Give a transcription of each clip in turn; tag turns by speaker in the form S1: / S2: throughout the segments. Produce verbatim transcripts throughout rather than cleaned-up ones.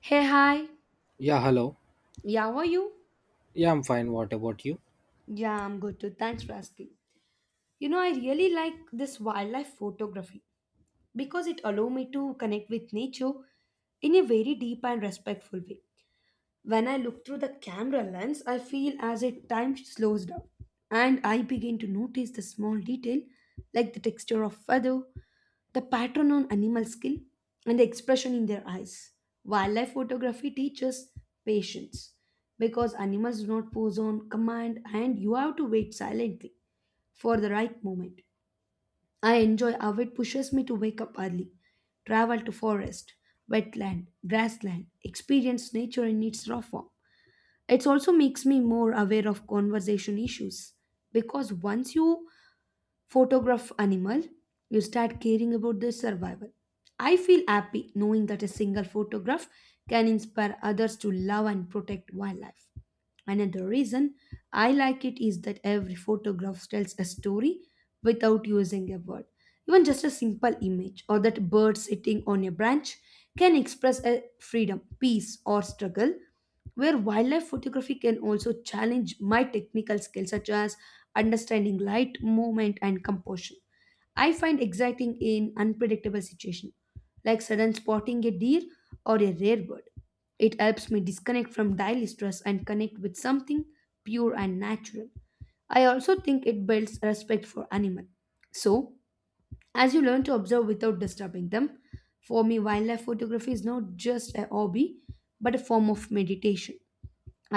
S1: Hey, hi.
S2: Yeah, hello.
S1: Yeah, how are you?
S2: Yeah, I'm fine. What about you?
S1: Yeah, I'm good too. Thanks for asking. You know, I really like this wildlife photography because it allows me to connect with nature in a very deep and respectful way. When I look through the camera lens, I feel as if time slows down and I begin to notice the small detail like the texture of feather, the pattern on animal skin, and the expression in their eyes. Wildlife photography teaches patience because animals do not pose on command and you have to wait silently for the right moment. I enjoy how it pushes me to wake up early, travel to forest, wetland, grassland, experience nature in its raw form. It also makes me more aware of conversation issues because once you photograph animal, you start caring about their survival. I feel happy knowing that a single photograph can inspire others to love and protect wildlife. Another reason I like it is that every photograph tells a story without using a word. Even just a simple image or that bird sitting on a branch can express a freedom, peace, or struggle where wildlife photography can also challenge my technical skills such as understanding light movement and composition I find exciting in unpredictable situations like sudden spotting a deer or a rare bird. It helps me disconnect from daily stress and connect with something pure and natural. I also think it builds respect for animals. So, as you learn to observe without disturbing them, for me wildlife photography is not just a hobby but a form of meditation.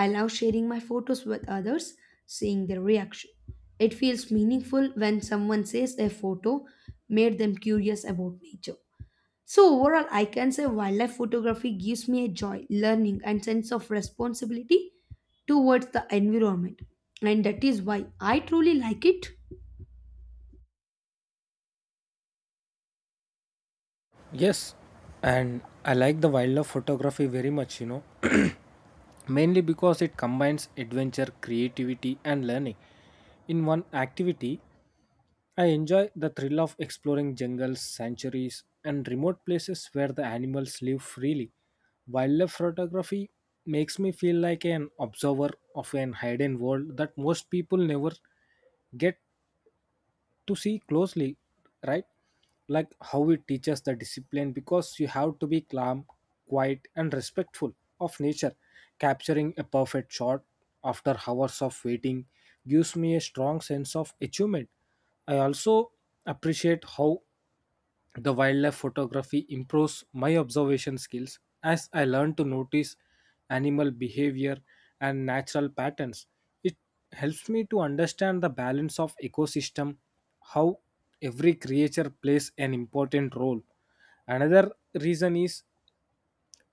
S1: I love sharing my photos with others, seeing their reaction. It feels meaningful when someone says a photo made them curious about nature. So, overall, I can say wildlife photography gives me a joy, learning, and sense of responsibility towards the environment. And that is why I truly like it.
S2: Yes, and I like the wildlife photography very much, you know, mainly because it combines adventure, creativity, and learning. In one activity, I enjoy the thrill of exploring jungles, sanctuaries, and remote places where the animals live freely. Wildlife photography makes me feel like an observer of an hidden world that most people never get to see closely, right, like how it teaches the discipline because you have to be calm, quiet, and respectful of nature. Capturing a perfect shot after hours of waiting gives me a strong sense of achievement. I also appreciate how the wildlife photography improves my observation skills as I learn to notice animal behavior and natural patterns. It helps me to understand the balance of ecosystem, how every creature plays an important role. Another reason is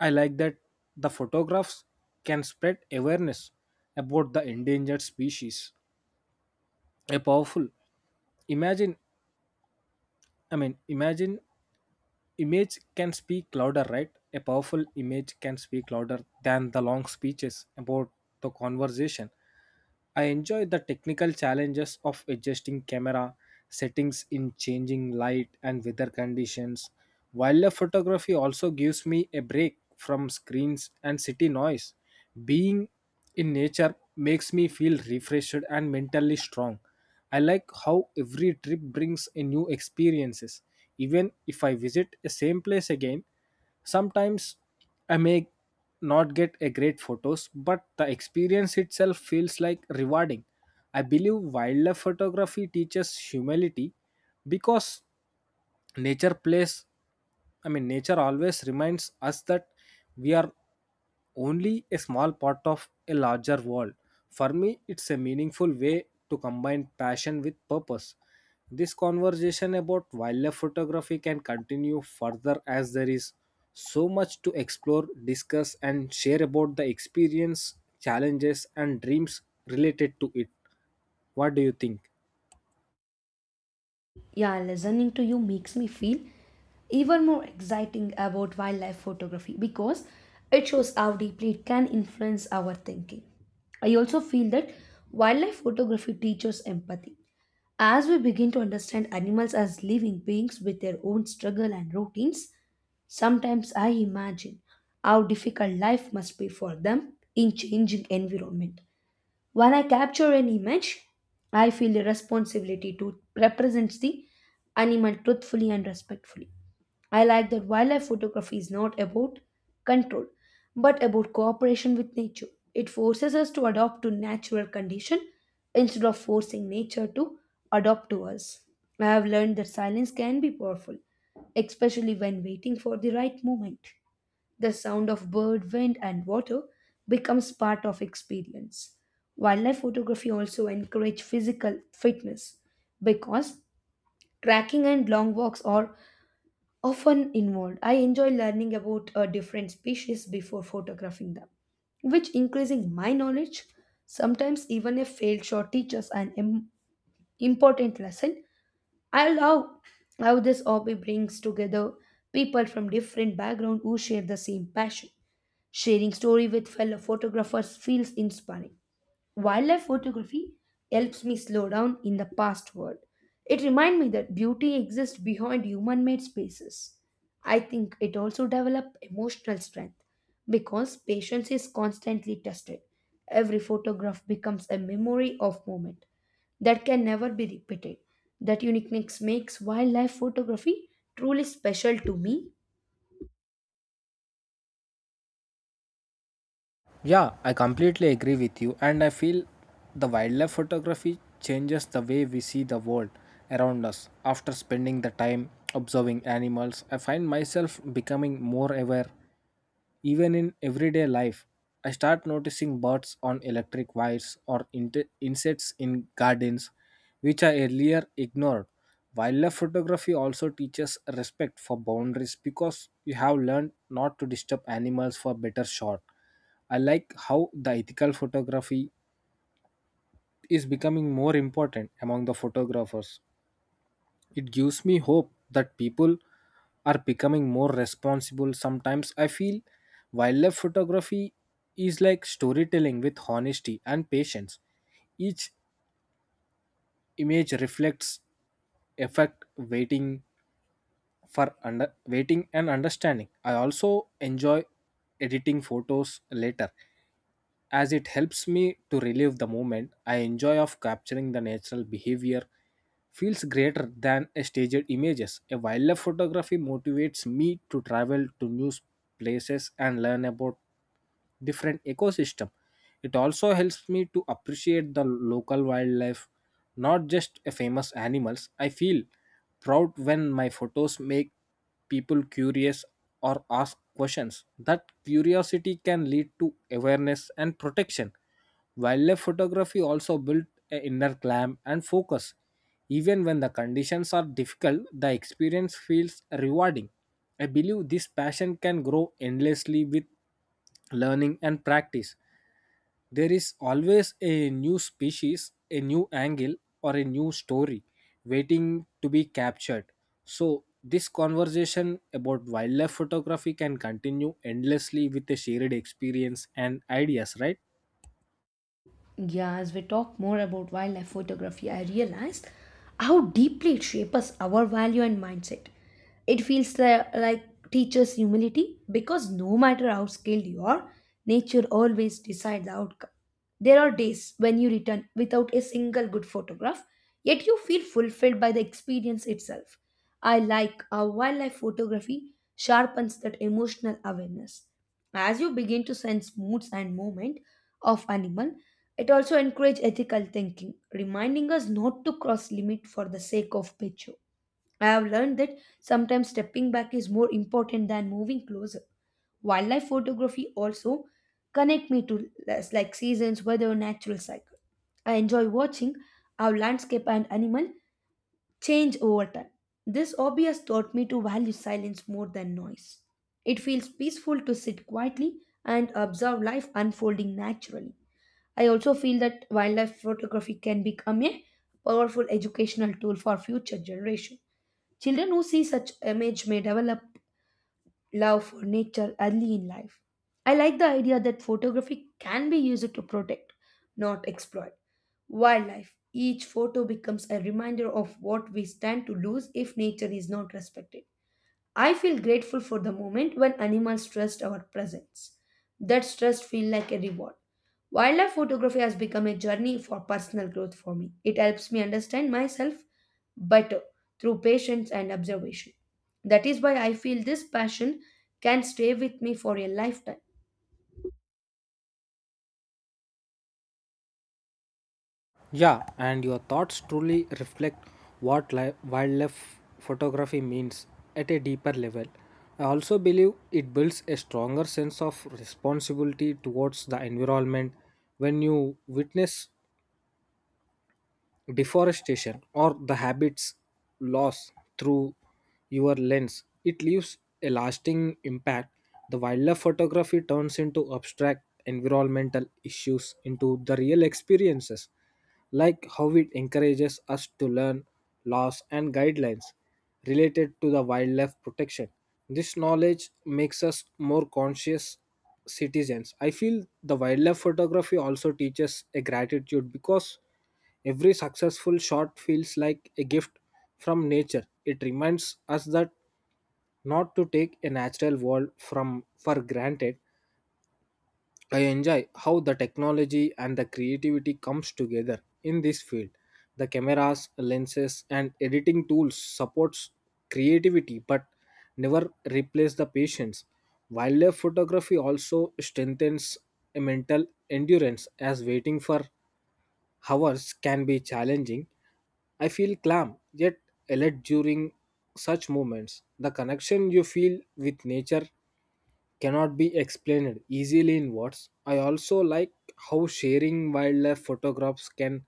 S2: I like that the photographs can spread awareness about the endangered species. A powerful imagine I mean imagine image can speak louder, right? A powerful image can speak louder than the long speeches about the conversation. I enjoy the technical challenges of adjusting camera settings in changing light and weather conditions. Wildlife photography also gives me a break from screens and city noise. Being in nature makes me feel refreshed and mentally strong. I like how every trip brings a new experiences. Even if I visit the same place again, sometimes I may not get a great photos, but the experience itself feels like rewarding. I believe wildlife photography teaches humility because nature plays I mean nature always reminds us that we are only a small part of a larger world. For me, it's a meaningful way to combine passion with purpose. This conversation about wildlife photography can continue further, as there is so much to explore, discuss, and share about the experience, challenges, and dreams related to it. What do you think?
S1: Yeah, listening to you makes me feel even more exciting about wildlife photography because it shows how deeply it can influence our thinking. I also feel that wildlife photography teaches empathy. As we begin to understand animals as living beings with their own struggle and routines, sometimes I imagine how difficult life must be for them in changing environment. When I capture an image, I feel a responsibility to represent the animal truthfully and respectfully. I like that wildlife photography is not about control, but about cooperation with nature. It forces us to adopt to natural condition instead of forcing nature to adopt to us. I have learned that silence can be powerful, especially when waiting for the right moment. The sound of bird, wind, and water becomes part of experience. Wildlife photography also encourage physical fitness because trekking and long walks are often involved. I enjoy learning about a different species before photographing them, which increasing my knowledge. Sometimes even a failed shot teaches an im- important lesson. I love how this hobby brings together people from different backgrounds who share the same passion. Sharing story with fellow photographers feels inspiring. Wildlife photography helps me slow down in the past world. It reminds me that beauty exists behind human-made spaces. I think it also develops emotional strength because patience is constantly tested. Every photograph becomes a memory of moment that can never be repeated. That uniqueness makes wildlife photography truly special to me.
S2: Yeah, I completely agree with you, and I feel the wildlife photography changes the way we see the world around us. After spending the time observing animals, I find myself becoming more aware even in everyday life. I start noticing birds on electric wires or inte- insects in gardens, which I earlier ignored. Wildlife photography also teaches respect for boundaries because you have learned not to disturb animals for better shot. I like how the ethical photography is becoming more important among the photographers. It gives me hope that people are becoming more responsible. Sometimes I feel wildlife photography is like storytelling with honesty and patience. Each image reflects effect waiting for under waiting and understanding. I also enjoy editing photos later as it helps me to relive the moment. I enjoy of capturing the natural behavior feels greater than a staged images. A wildlife photography motivates me to travel to new places and learn about different ecosystem. It also helps me to appreciate the local wildlife, not just a famous animals. I feel proud when my photos make people curious or ask questions. That curiosity can lead to awareness and protection. Wildlife photography also built an inner calm and focus. Even when the conditions are difficult, the experience feels rewarding. I believe this passion can grow endlessly with learning and practice. There is always a new species, a new angle, or a new story waiting to be captured. So this conversation about wildlife photography can continue endlessly with a shared experience and ideas, right?
S1: Yeah, as we talk more about wildlife photography, I realized how deeply it shapes our value and mindset. It feels li- like teaches humility because no matter how skilled you are, nature always decides the outcome. There are days when you return without a single good photograph, yet you feel fulfilled by the experience itself. I like how wildlife photography sharpens that emotional awareness. As you begin to sense moods and movement of animal, it also encourages ethical thinking, reminding us not to cross limit for the sake of picture. I have learned that sometimes stepping back is more important than moving closer. Wildlife photography also connect me to less like seasons, weather, natural cycle. I enjoy watching how landscape and animal change over time. This obvious taught me to value silence more than noise. It feels peaceful to sit quietly and observe life unfolding naturally. I also feel that wildlife photography can become a powerful educational tool for future generation. Children who see such image may develop love for nature early in life. I like the idea that photography can be used to protect, not exploit, wildlife. Each photo becomes a reminder of what we stand to lose if nature is not respected. I feel grateful for the moment when animals trust our presence. That trust feels like a reward. Wildlife photography has become a journey for personal growth for me. It helps me understand myself better through patience and observation. That is why I feel this passion can stay with me for a lifetime.
S2: Yeah, and your thoughts truly reflect what li- wildlife photography means at a deeper level. I also believe it builds a stronger sense of responsibility towards the environment. When you witness deforestation or the habits loss through your lens, it leaves a lasting impact. The wildlife photography turns into abstract environmental issues into the real experiences. Like how it encourages us to learn laws and guidelines related to the wildlife protection. This knowledge makes us more conscious citizens. I feel the wildlife photography also teaches a gratitude because every successful shot feels like a gift from nature. It reminds us that not to take a natural world from for granted. I enjoy how the technology and the creativity comes together in this field. The cameras, lenses and editing tools supports creativity but never replace the patience. Wildlife photography also strengthens a mental endurance as waiting for hours can be challenging. I feel calm yet alert during such moments. The connection you feel with nature cannot be explained easily in words. I also like how sharing wildlife photographs can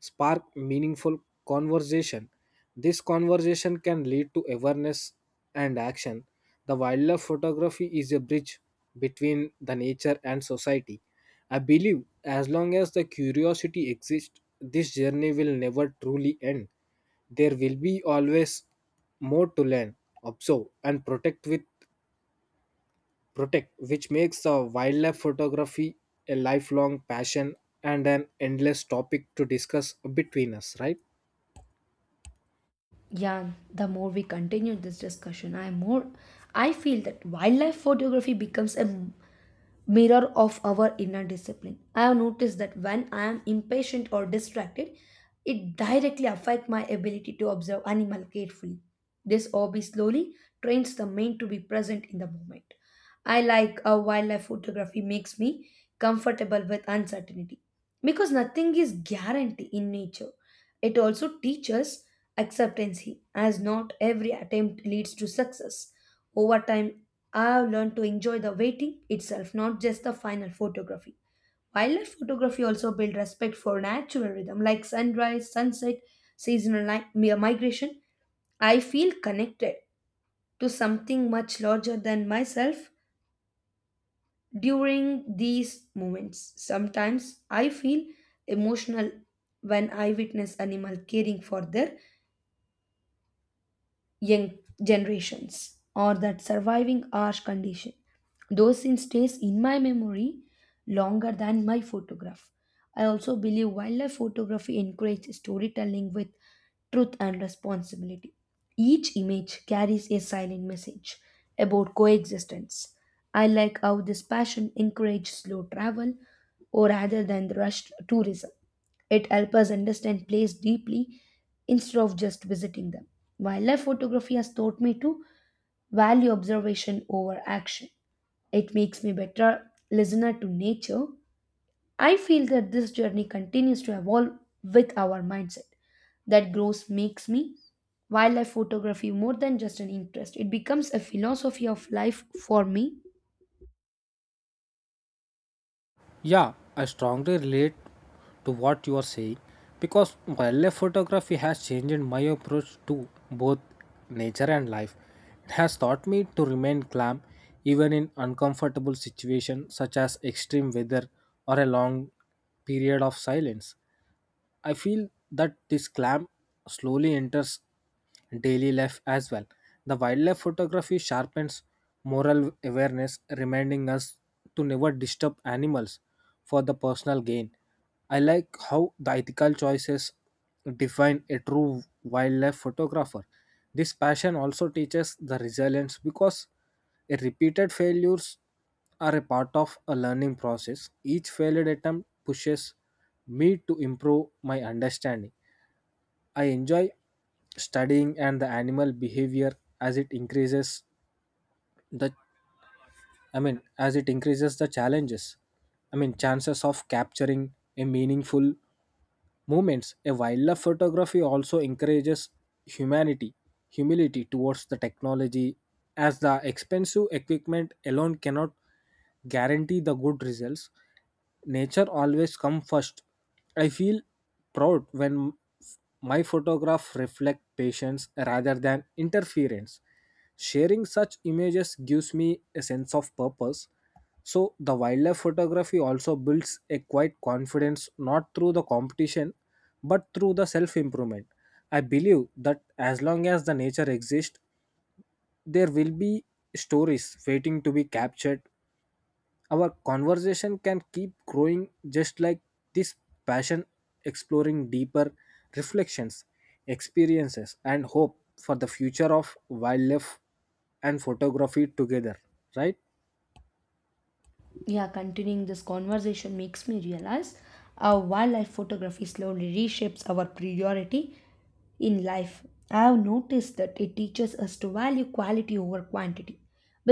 S2: spark meaningful conversation. This conversation can lead to awareness and action. The wildlife photography is a bridge between the nature and society. I believe as long as the curiosity exists, this journey will never truly end. There will be always more to learn, observe, and protect with protect, which makes uh, wildlife photography a lifelong passion and an endless topic to discuss between us, right?
S1: Yeah, the more we continue this discussion, I more I feel that wildlife photography becomes a m- mirror of our inner discipline. I have noticed that when I am impatient or distracted, it directly affects my ability to observe animal carefully. This hobby slowly trains the mind to be present in the moment. I like how wildlife photography makes me comfortable with uncertainty because nothing is guaranteed in nature. It also teaches acceptancy as not every attempt leads to success. Over time, I've learned to enjoy the waiting itself, not just the final photography. Wildlife photography also built respect for natural rhythm like sunrise, sunset, seasonal ni- mi- migration. I feel connected to something much larger than myself during these moments. Sometimes I feel emotional when I witness animal caring for their young generations or that surviving harsh condition. Those scenes stays in my memory longer than my photograph. I also believe wildlife photography encourages storytelling with truth and responsibility. Each image carries a silent message about coexistence. I like how this passion encourages slow travel or rather than the rushed tourism. It helps us understand place deeply instead of just visiting them. Wildlife photography has taught me to value observation over action. It makes me better listener to nature. I feel that this journey continues to evolve with our mindset. That growth makes me wildlife photography more than just an interest. It becomes a philosophy of life for me.
S2: Yeah, I strongly relate to what you are saying because wildlife photography has changed my approach to both nature and life. It has taught me to remain calm even in uncomfortable situations such as extreme weather or a long period of silence. I feel that this clam slowly enters daily life as well. The wildlife photography sharpens moral awareness, reminding us to never disturb animals for the personal gain. I like how the ethical choices define a true wildlife photographer. This passion also teaches the resilience because a repeated failures are a part of a learning process. Each failed attempt pushes me to improve my understanding. I enjoy studying and the animal behavior as it increases the I mean, as it increases the challenges, I mean, chances of capturing a meaningful movements. A wildlife photography also encourages humanity, humility towards the technology, as the expensive equipment alone cannot guarantee the good results. Nature always come first. I feel proud when my photograph reflect patience rather than interference. Sharing such images gives me a sense of purpose. So, the wildlife photography also builds a quiet confidence, not through the competition but through the self improvement. I believe that as long as the nature exists, there will be stories waiting to be captured. Our conversation can keep growing just like this passion, exploring deeper reflections, experiences, and hope for the future of wildlife and photography together, right?
S1: Yeah, continuing this conversation makes me realize how wildlife photography slowly reshapes our priority in life. I have noticed that it teaches us to value quality over quantity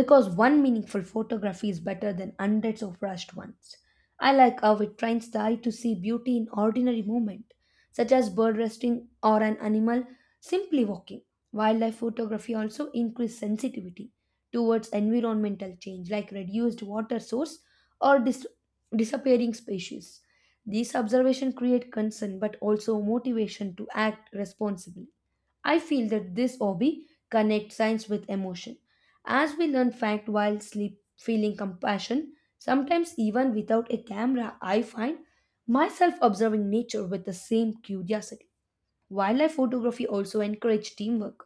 S1: because one meaningful photography is better than hundreds of rushed ones. I like how it trains the eye to see beauty in ordinary movement such as bird resting or an animal simply walking. Wildlife photography also increases sensitivity towards environmental change like reduced water source or dis- disappearing species. These observations create concern but also motivation to act responsibly. I feel that this hobby connects science with emotion. As we learn fact while sleep, feeling compassion, sometimes even without a camera, I find myself observing nature with the same curiosity. Wildlife photography also encourages teamwork,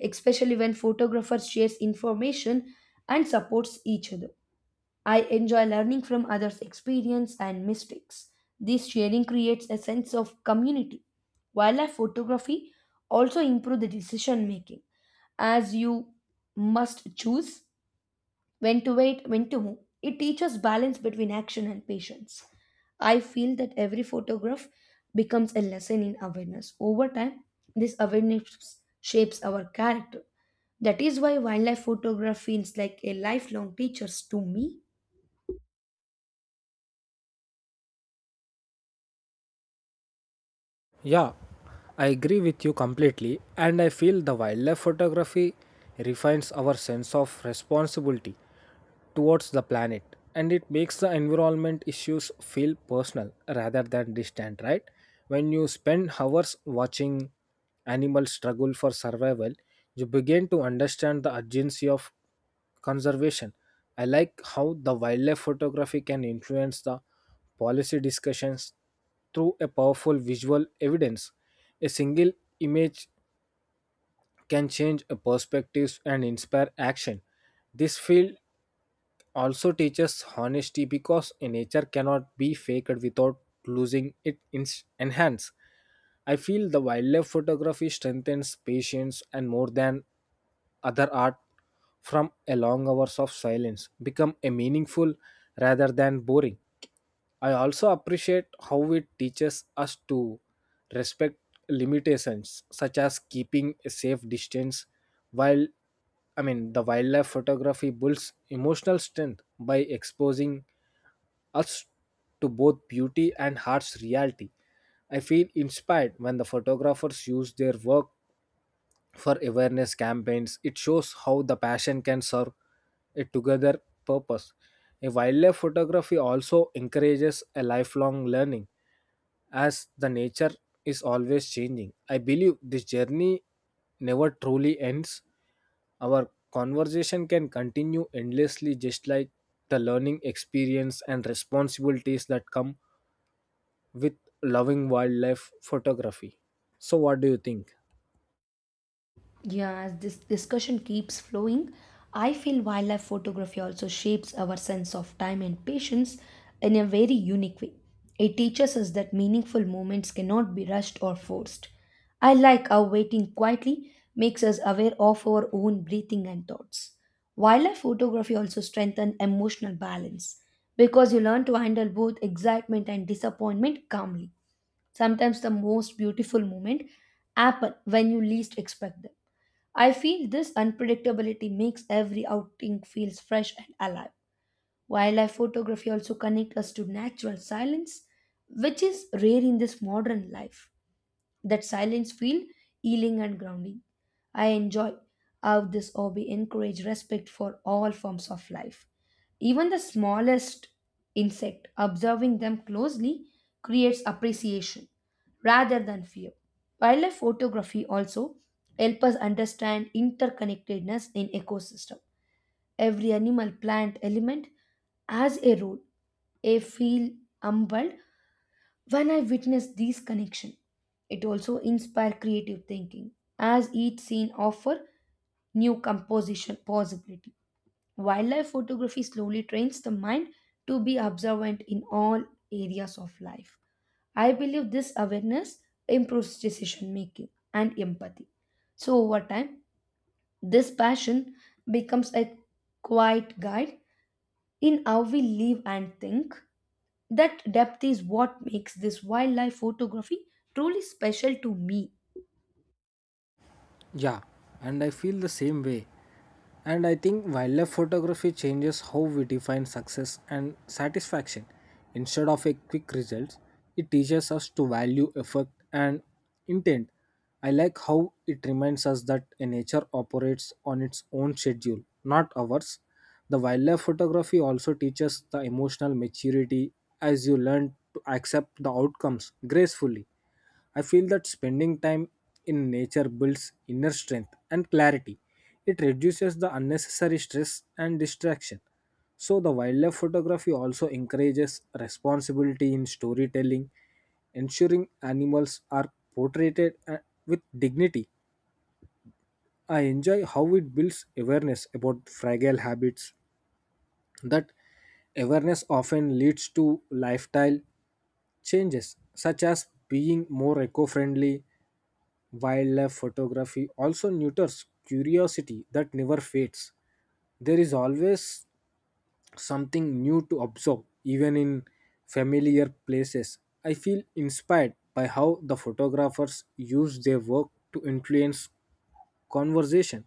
S1: especially when photographers share information and supports each other. I enjoy learning from others' experience and mistakes. This sharing creates a sense of community. Wildlife photography also improves the decision making as you must choose when to wait, when to move. It teaches balance between action and patience. I feel that every photograph becomes a lesson in awareness. Over time, this awareness shapes our character. That is why wildlife photography feels like a lifelong teacher to me.
S2: Yeah, I agree with you completely, and I feel the wildlife photography refines our sense of responsibility towards the planet, and it makes the environment issues feel personal rather than distant, right? When you spend hours watching animals struggle for survival, you begin to understand the urgency of conservation. I like how the wildlife photography can influence the policy discussions through a powerful visual evidence. A single image can change a perspectives and inspire action. This field also teaches honesty because nature cannot be faked without losing its ins- enhance. I feel the wildlife photography strengthens patience and more than other art from a long hours of silence become a meaningful rather than boring. I also appreciate how it teaches us to respect limitations, such as keeping a safe distance while I mean the wildlife photography builds emotional strength by exposing us to both beauty and heart's reality. I feel inspired when the photographers use their work for awareness campaigns. It shows how the passion can serve a together purpose. A wildlife photography also encourages a lifelong learning as the nature is always changing. I believe this journey never truly ends. Our conversation can continue endlessly, just like the learning experience and responsibilities that come with loving wildlife photography. So, what do you think?
S1: Yeah, as this discussion keeps flowing, I feel wildlife photography also shapes our sense of time and patience in a very unique way. It teaches us that meaningful moments cannot be rushed or forced. I like how waiting quietly makes us aware of our own breathing and thoughts. Wildlife photography also strengthens emotional balance because you learn to handle both excitement and disappointment calmly. Sometimes the most beautiful moment happen when you least expect them. I feel this unpredictability makes every outing feels fresh and alive. Wildlife photography also connects us to natural silence, which is rare in this modern life. That silence feel healing and grounding. I enjoy how this hobby encourage respect for all forms of life. Even the smallest insect, observing them closely creates appreciation rather than fear. Wildlife photography also help us understand interconnectedness in ecosystem. Every animal plant element has a role. I feel humbled when I witness these connection, it also inspire creative thinking as each scene offer new composition possibility. Wildlife photography slowly trains the mind to be observant in all areas of life. I believe this awareness improves decision making and empathy. So, over time, this passion becomes a quiet guide in how we live and think, that depth is what makes this wildlife photography truly special to me.
S2: Yeah, and I feel the same way. And I think wildlife photography changes how we define success and satisfaction. Instead of a quick results, it teaches us to value effort and intent. I like how it reminds us that a nature operates on its own schedule, not ours. The wildlife photography also teaches the emotional maturity as you learn to accept the outcomes gracefully. I feel that spending time in nature builds inner strength and clarity. It reduces the unnecessary stress and distraction. So, the wildlife photography also encourages responsibility in storytelling, ensuring animals are portrayed uh, with dignity. I enjoy how it builds awareness about fragile habits. That awareness often leads to lifestyle changes, such as being more eco friendly. Wildlife photography also nurtures curiosity that never fades. There is always something new to observe, even in familiar places. I feel inspired by how the photographers use their work to influence conversation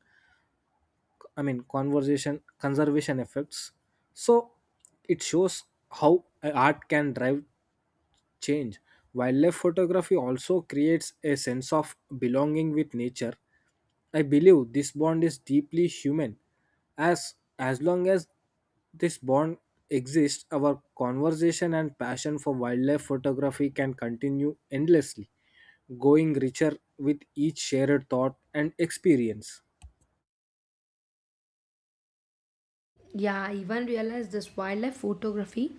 S2: I mean conversation conservation effects. So it shows how a art can drive change. Wildlife photography also creates a sense of belonging with nature. I believe this bond is deeply human. As as long as this bond exists, our conversation and passion for wildlife photography can continue endlessly, going richer with each shared thought and experience.
S1: Yeah, I even realized this wildlife photography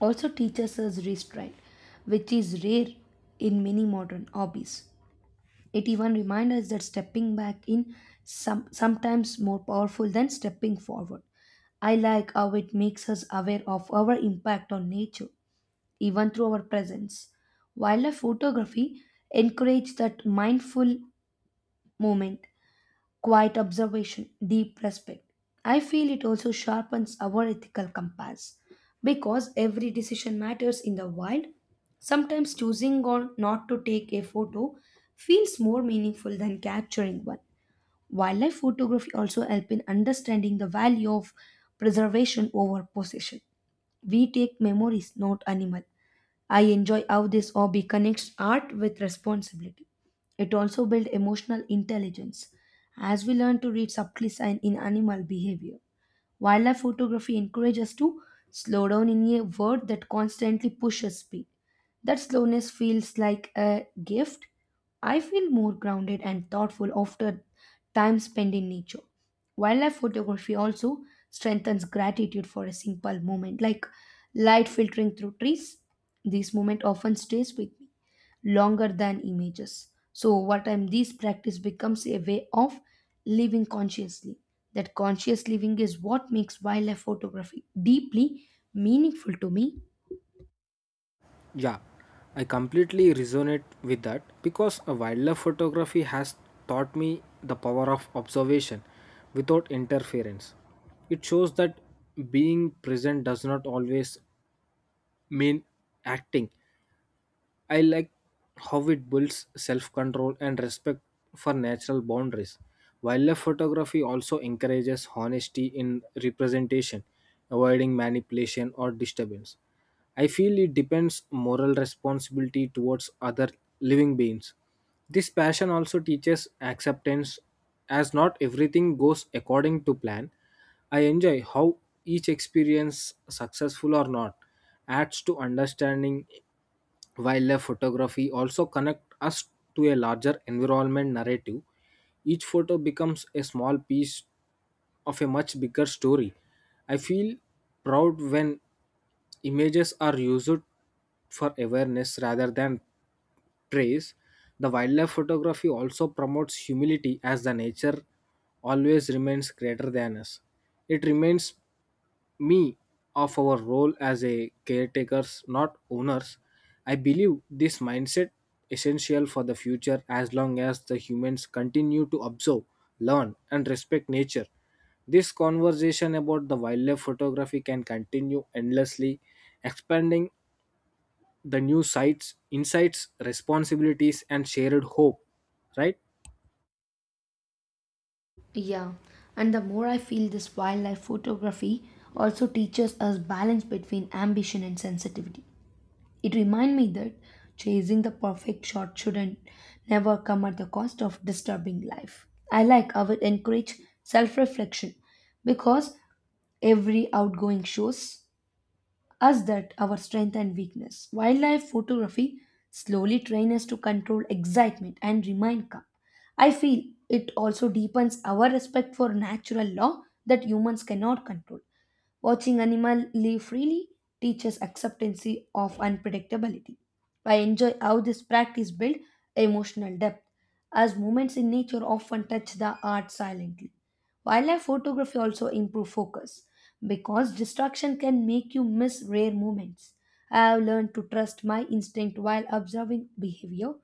S1: also teaches us restraint, which is rare in many modern hobbies. It even reminds us that stepping back in some sometimes more powerful than stepping forward. I like how it makes us aware of our impact on nature, even through our presence. Wildlife photography encourages that mindful moment quiet observation, deep respect. I feel it also sharpens our ethical compass because every decision matters in the wild. Sometimes choosing or not to take a photo feels more meaningful than capturing one. Wildlife photography also help in understanding the value of preservation over possession. We take memories, not animal. I enjoy how this hobby connects art with responsibility. It also builds emotional intelligence as we learn to read subtle signs in animal behavior. Wildlife photography encourages us to slow down in a world that constantly pushes speed. That slowness feels like a gift. I feel more grounded and thoughtful after time spent in nature. Wildlife photography also strengthens gratitude for a simple moment, like light filtering through trees. This moment often stays with me longer than images. So, what time this practice becomes a way of living consciously. That conscious living is what makes wildlife photography deeply meaningful to me.
S2: Yeah, I completely resonate with that because a wildlife photography has taught me the power of observation without interference. It shows that being present does not always mean acting. I like how it builds self control and respect for natural boundaries. Wildlife photography also encourages honesty in representation, avoiding manipulation or disturbance. I feel it depends moral responsibility towards other living beings. This passion also teaches acceptance as not everything goes according to plan. I enjoy how each experience, successful or not, adds to understanding. Wildlife photography also connect us to a larger environment narrative. Each photo becomes a small piece of a much bigger story. I feel proud when images are used for awareness rather than trace. The wildlife photography also promotes humility as the nature always remains greater than us. It reminds me of our role as a caretakers, not owners. I believe this mindset essential for the future, as long as the humans continue to observe, learn and respect nature. This conversation about the wildlife photography can continue endlessly, expanding the new sites, insights, responsibilities, and shared hope, right?
S1: Yeah, and the more I feel this wildlife photography also teaches us balance between ambition and sensitivity. It reminds me that chasing the perfect shot shouldn't never come at the cost of disturbing life. I like how it encourage self-reflection because every outgoing shows us that our strength and weakness. Wildlife photography slowly trains us to control excitement and remain calm. I feel it also deepens our respect for natural law that humans cannot control. Watching animals live freely teaches acceptance of unpredictability. I enjoy how this practice builds emotional depth, as moments in nature often touch the heart silently. Wildlife photography also improves focus because distraction can make you miss rare moments. I have learned to trust my instinct while observing behavior,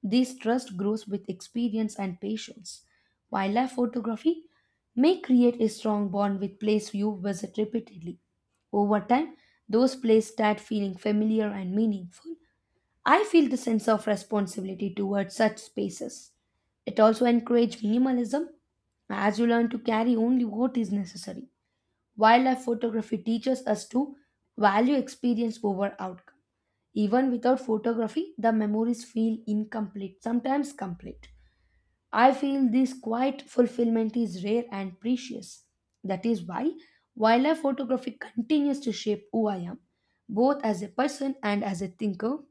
S1: this trust grows with experience and patience. Wildlife photography may create a strong bond with place you visit repeatedly. Over time, those places start feeling familiar and meaningful. I feel the sense of responsibility towards such spaces. It also encourages minimalism as you learn to carry only what is necessary. Wildlife photography teaches us to value experience over outcome. Even without photography, the memories feel incomplete, sometimes complete. I feel this quiet fulfillment is rare and precious. That is why wildlife photography continues to shape who I am, both as a person and as a thinker.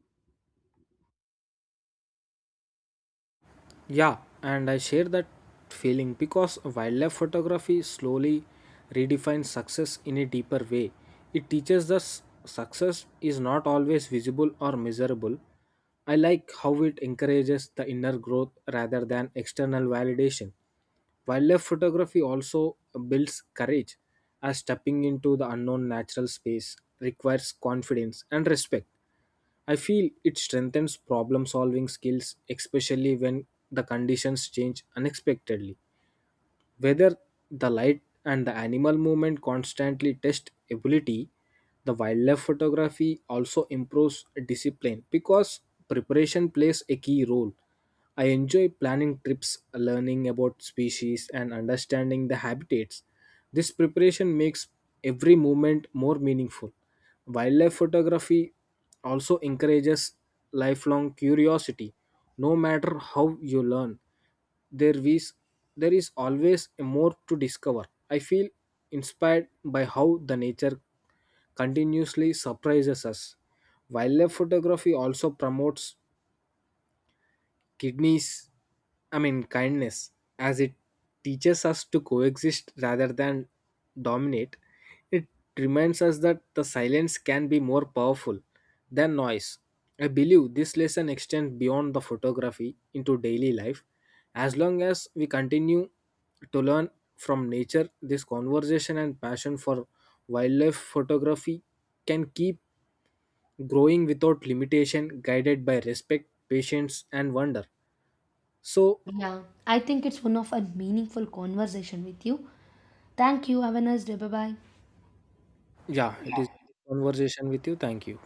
S2: Yeah, and I share that feeling because wildlife photography slowly redefines success in a deeper way. It teaches us success is not always visible or measurable. I like how it encourages the inner growth rather than external validation. Wildlife photography also builds courage, as stepping into the unknown natural space requires confidence and respect. I feel it strengthens problem solving skills, especially when the conditions change unexpectedly. Whether the light and the animal movement constantly test ability, the wildlife photography also improves discipline because preparation plays a key role. I enjoy planning trips, learning about species, and understanding the habitats. This preparation makes every moment more meaningful. Wildlife photography also encourages lifelong curiosity. No matter how you learn, there is there is always more to discover. I feel inspired by how the nature continuously surprises us. Wildlife photography also promotes kidneys I mean kindness as it teaches us to coexist rather than dominate. It reminds us that the silence can be more powerful than noise. I believe this lesson extends beyond the photography into daily life. As long as we continue to learn from nature, this conversation and passion for wildlife photography can keep growing without limitation, guided by respect, patience, and wonder. So.
S1: Yeah, I think it's one of a meaningful conversation with you. Thank you. Have a nice day. Bye bye.
S2: Yeah, it is a good conversation with you. Thank you.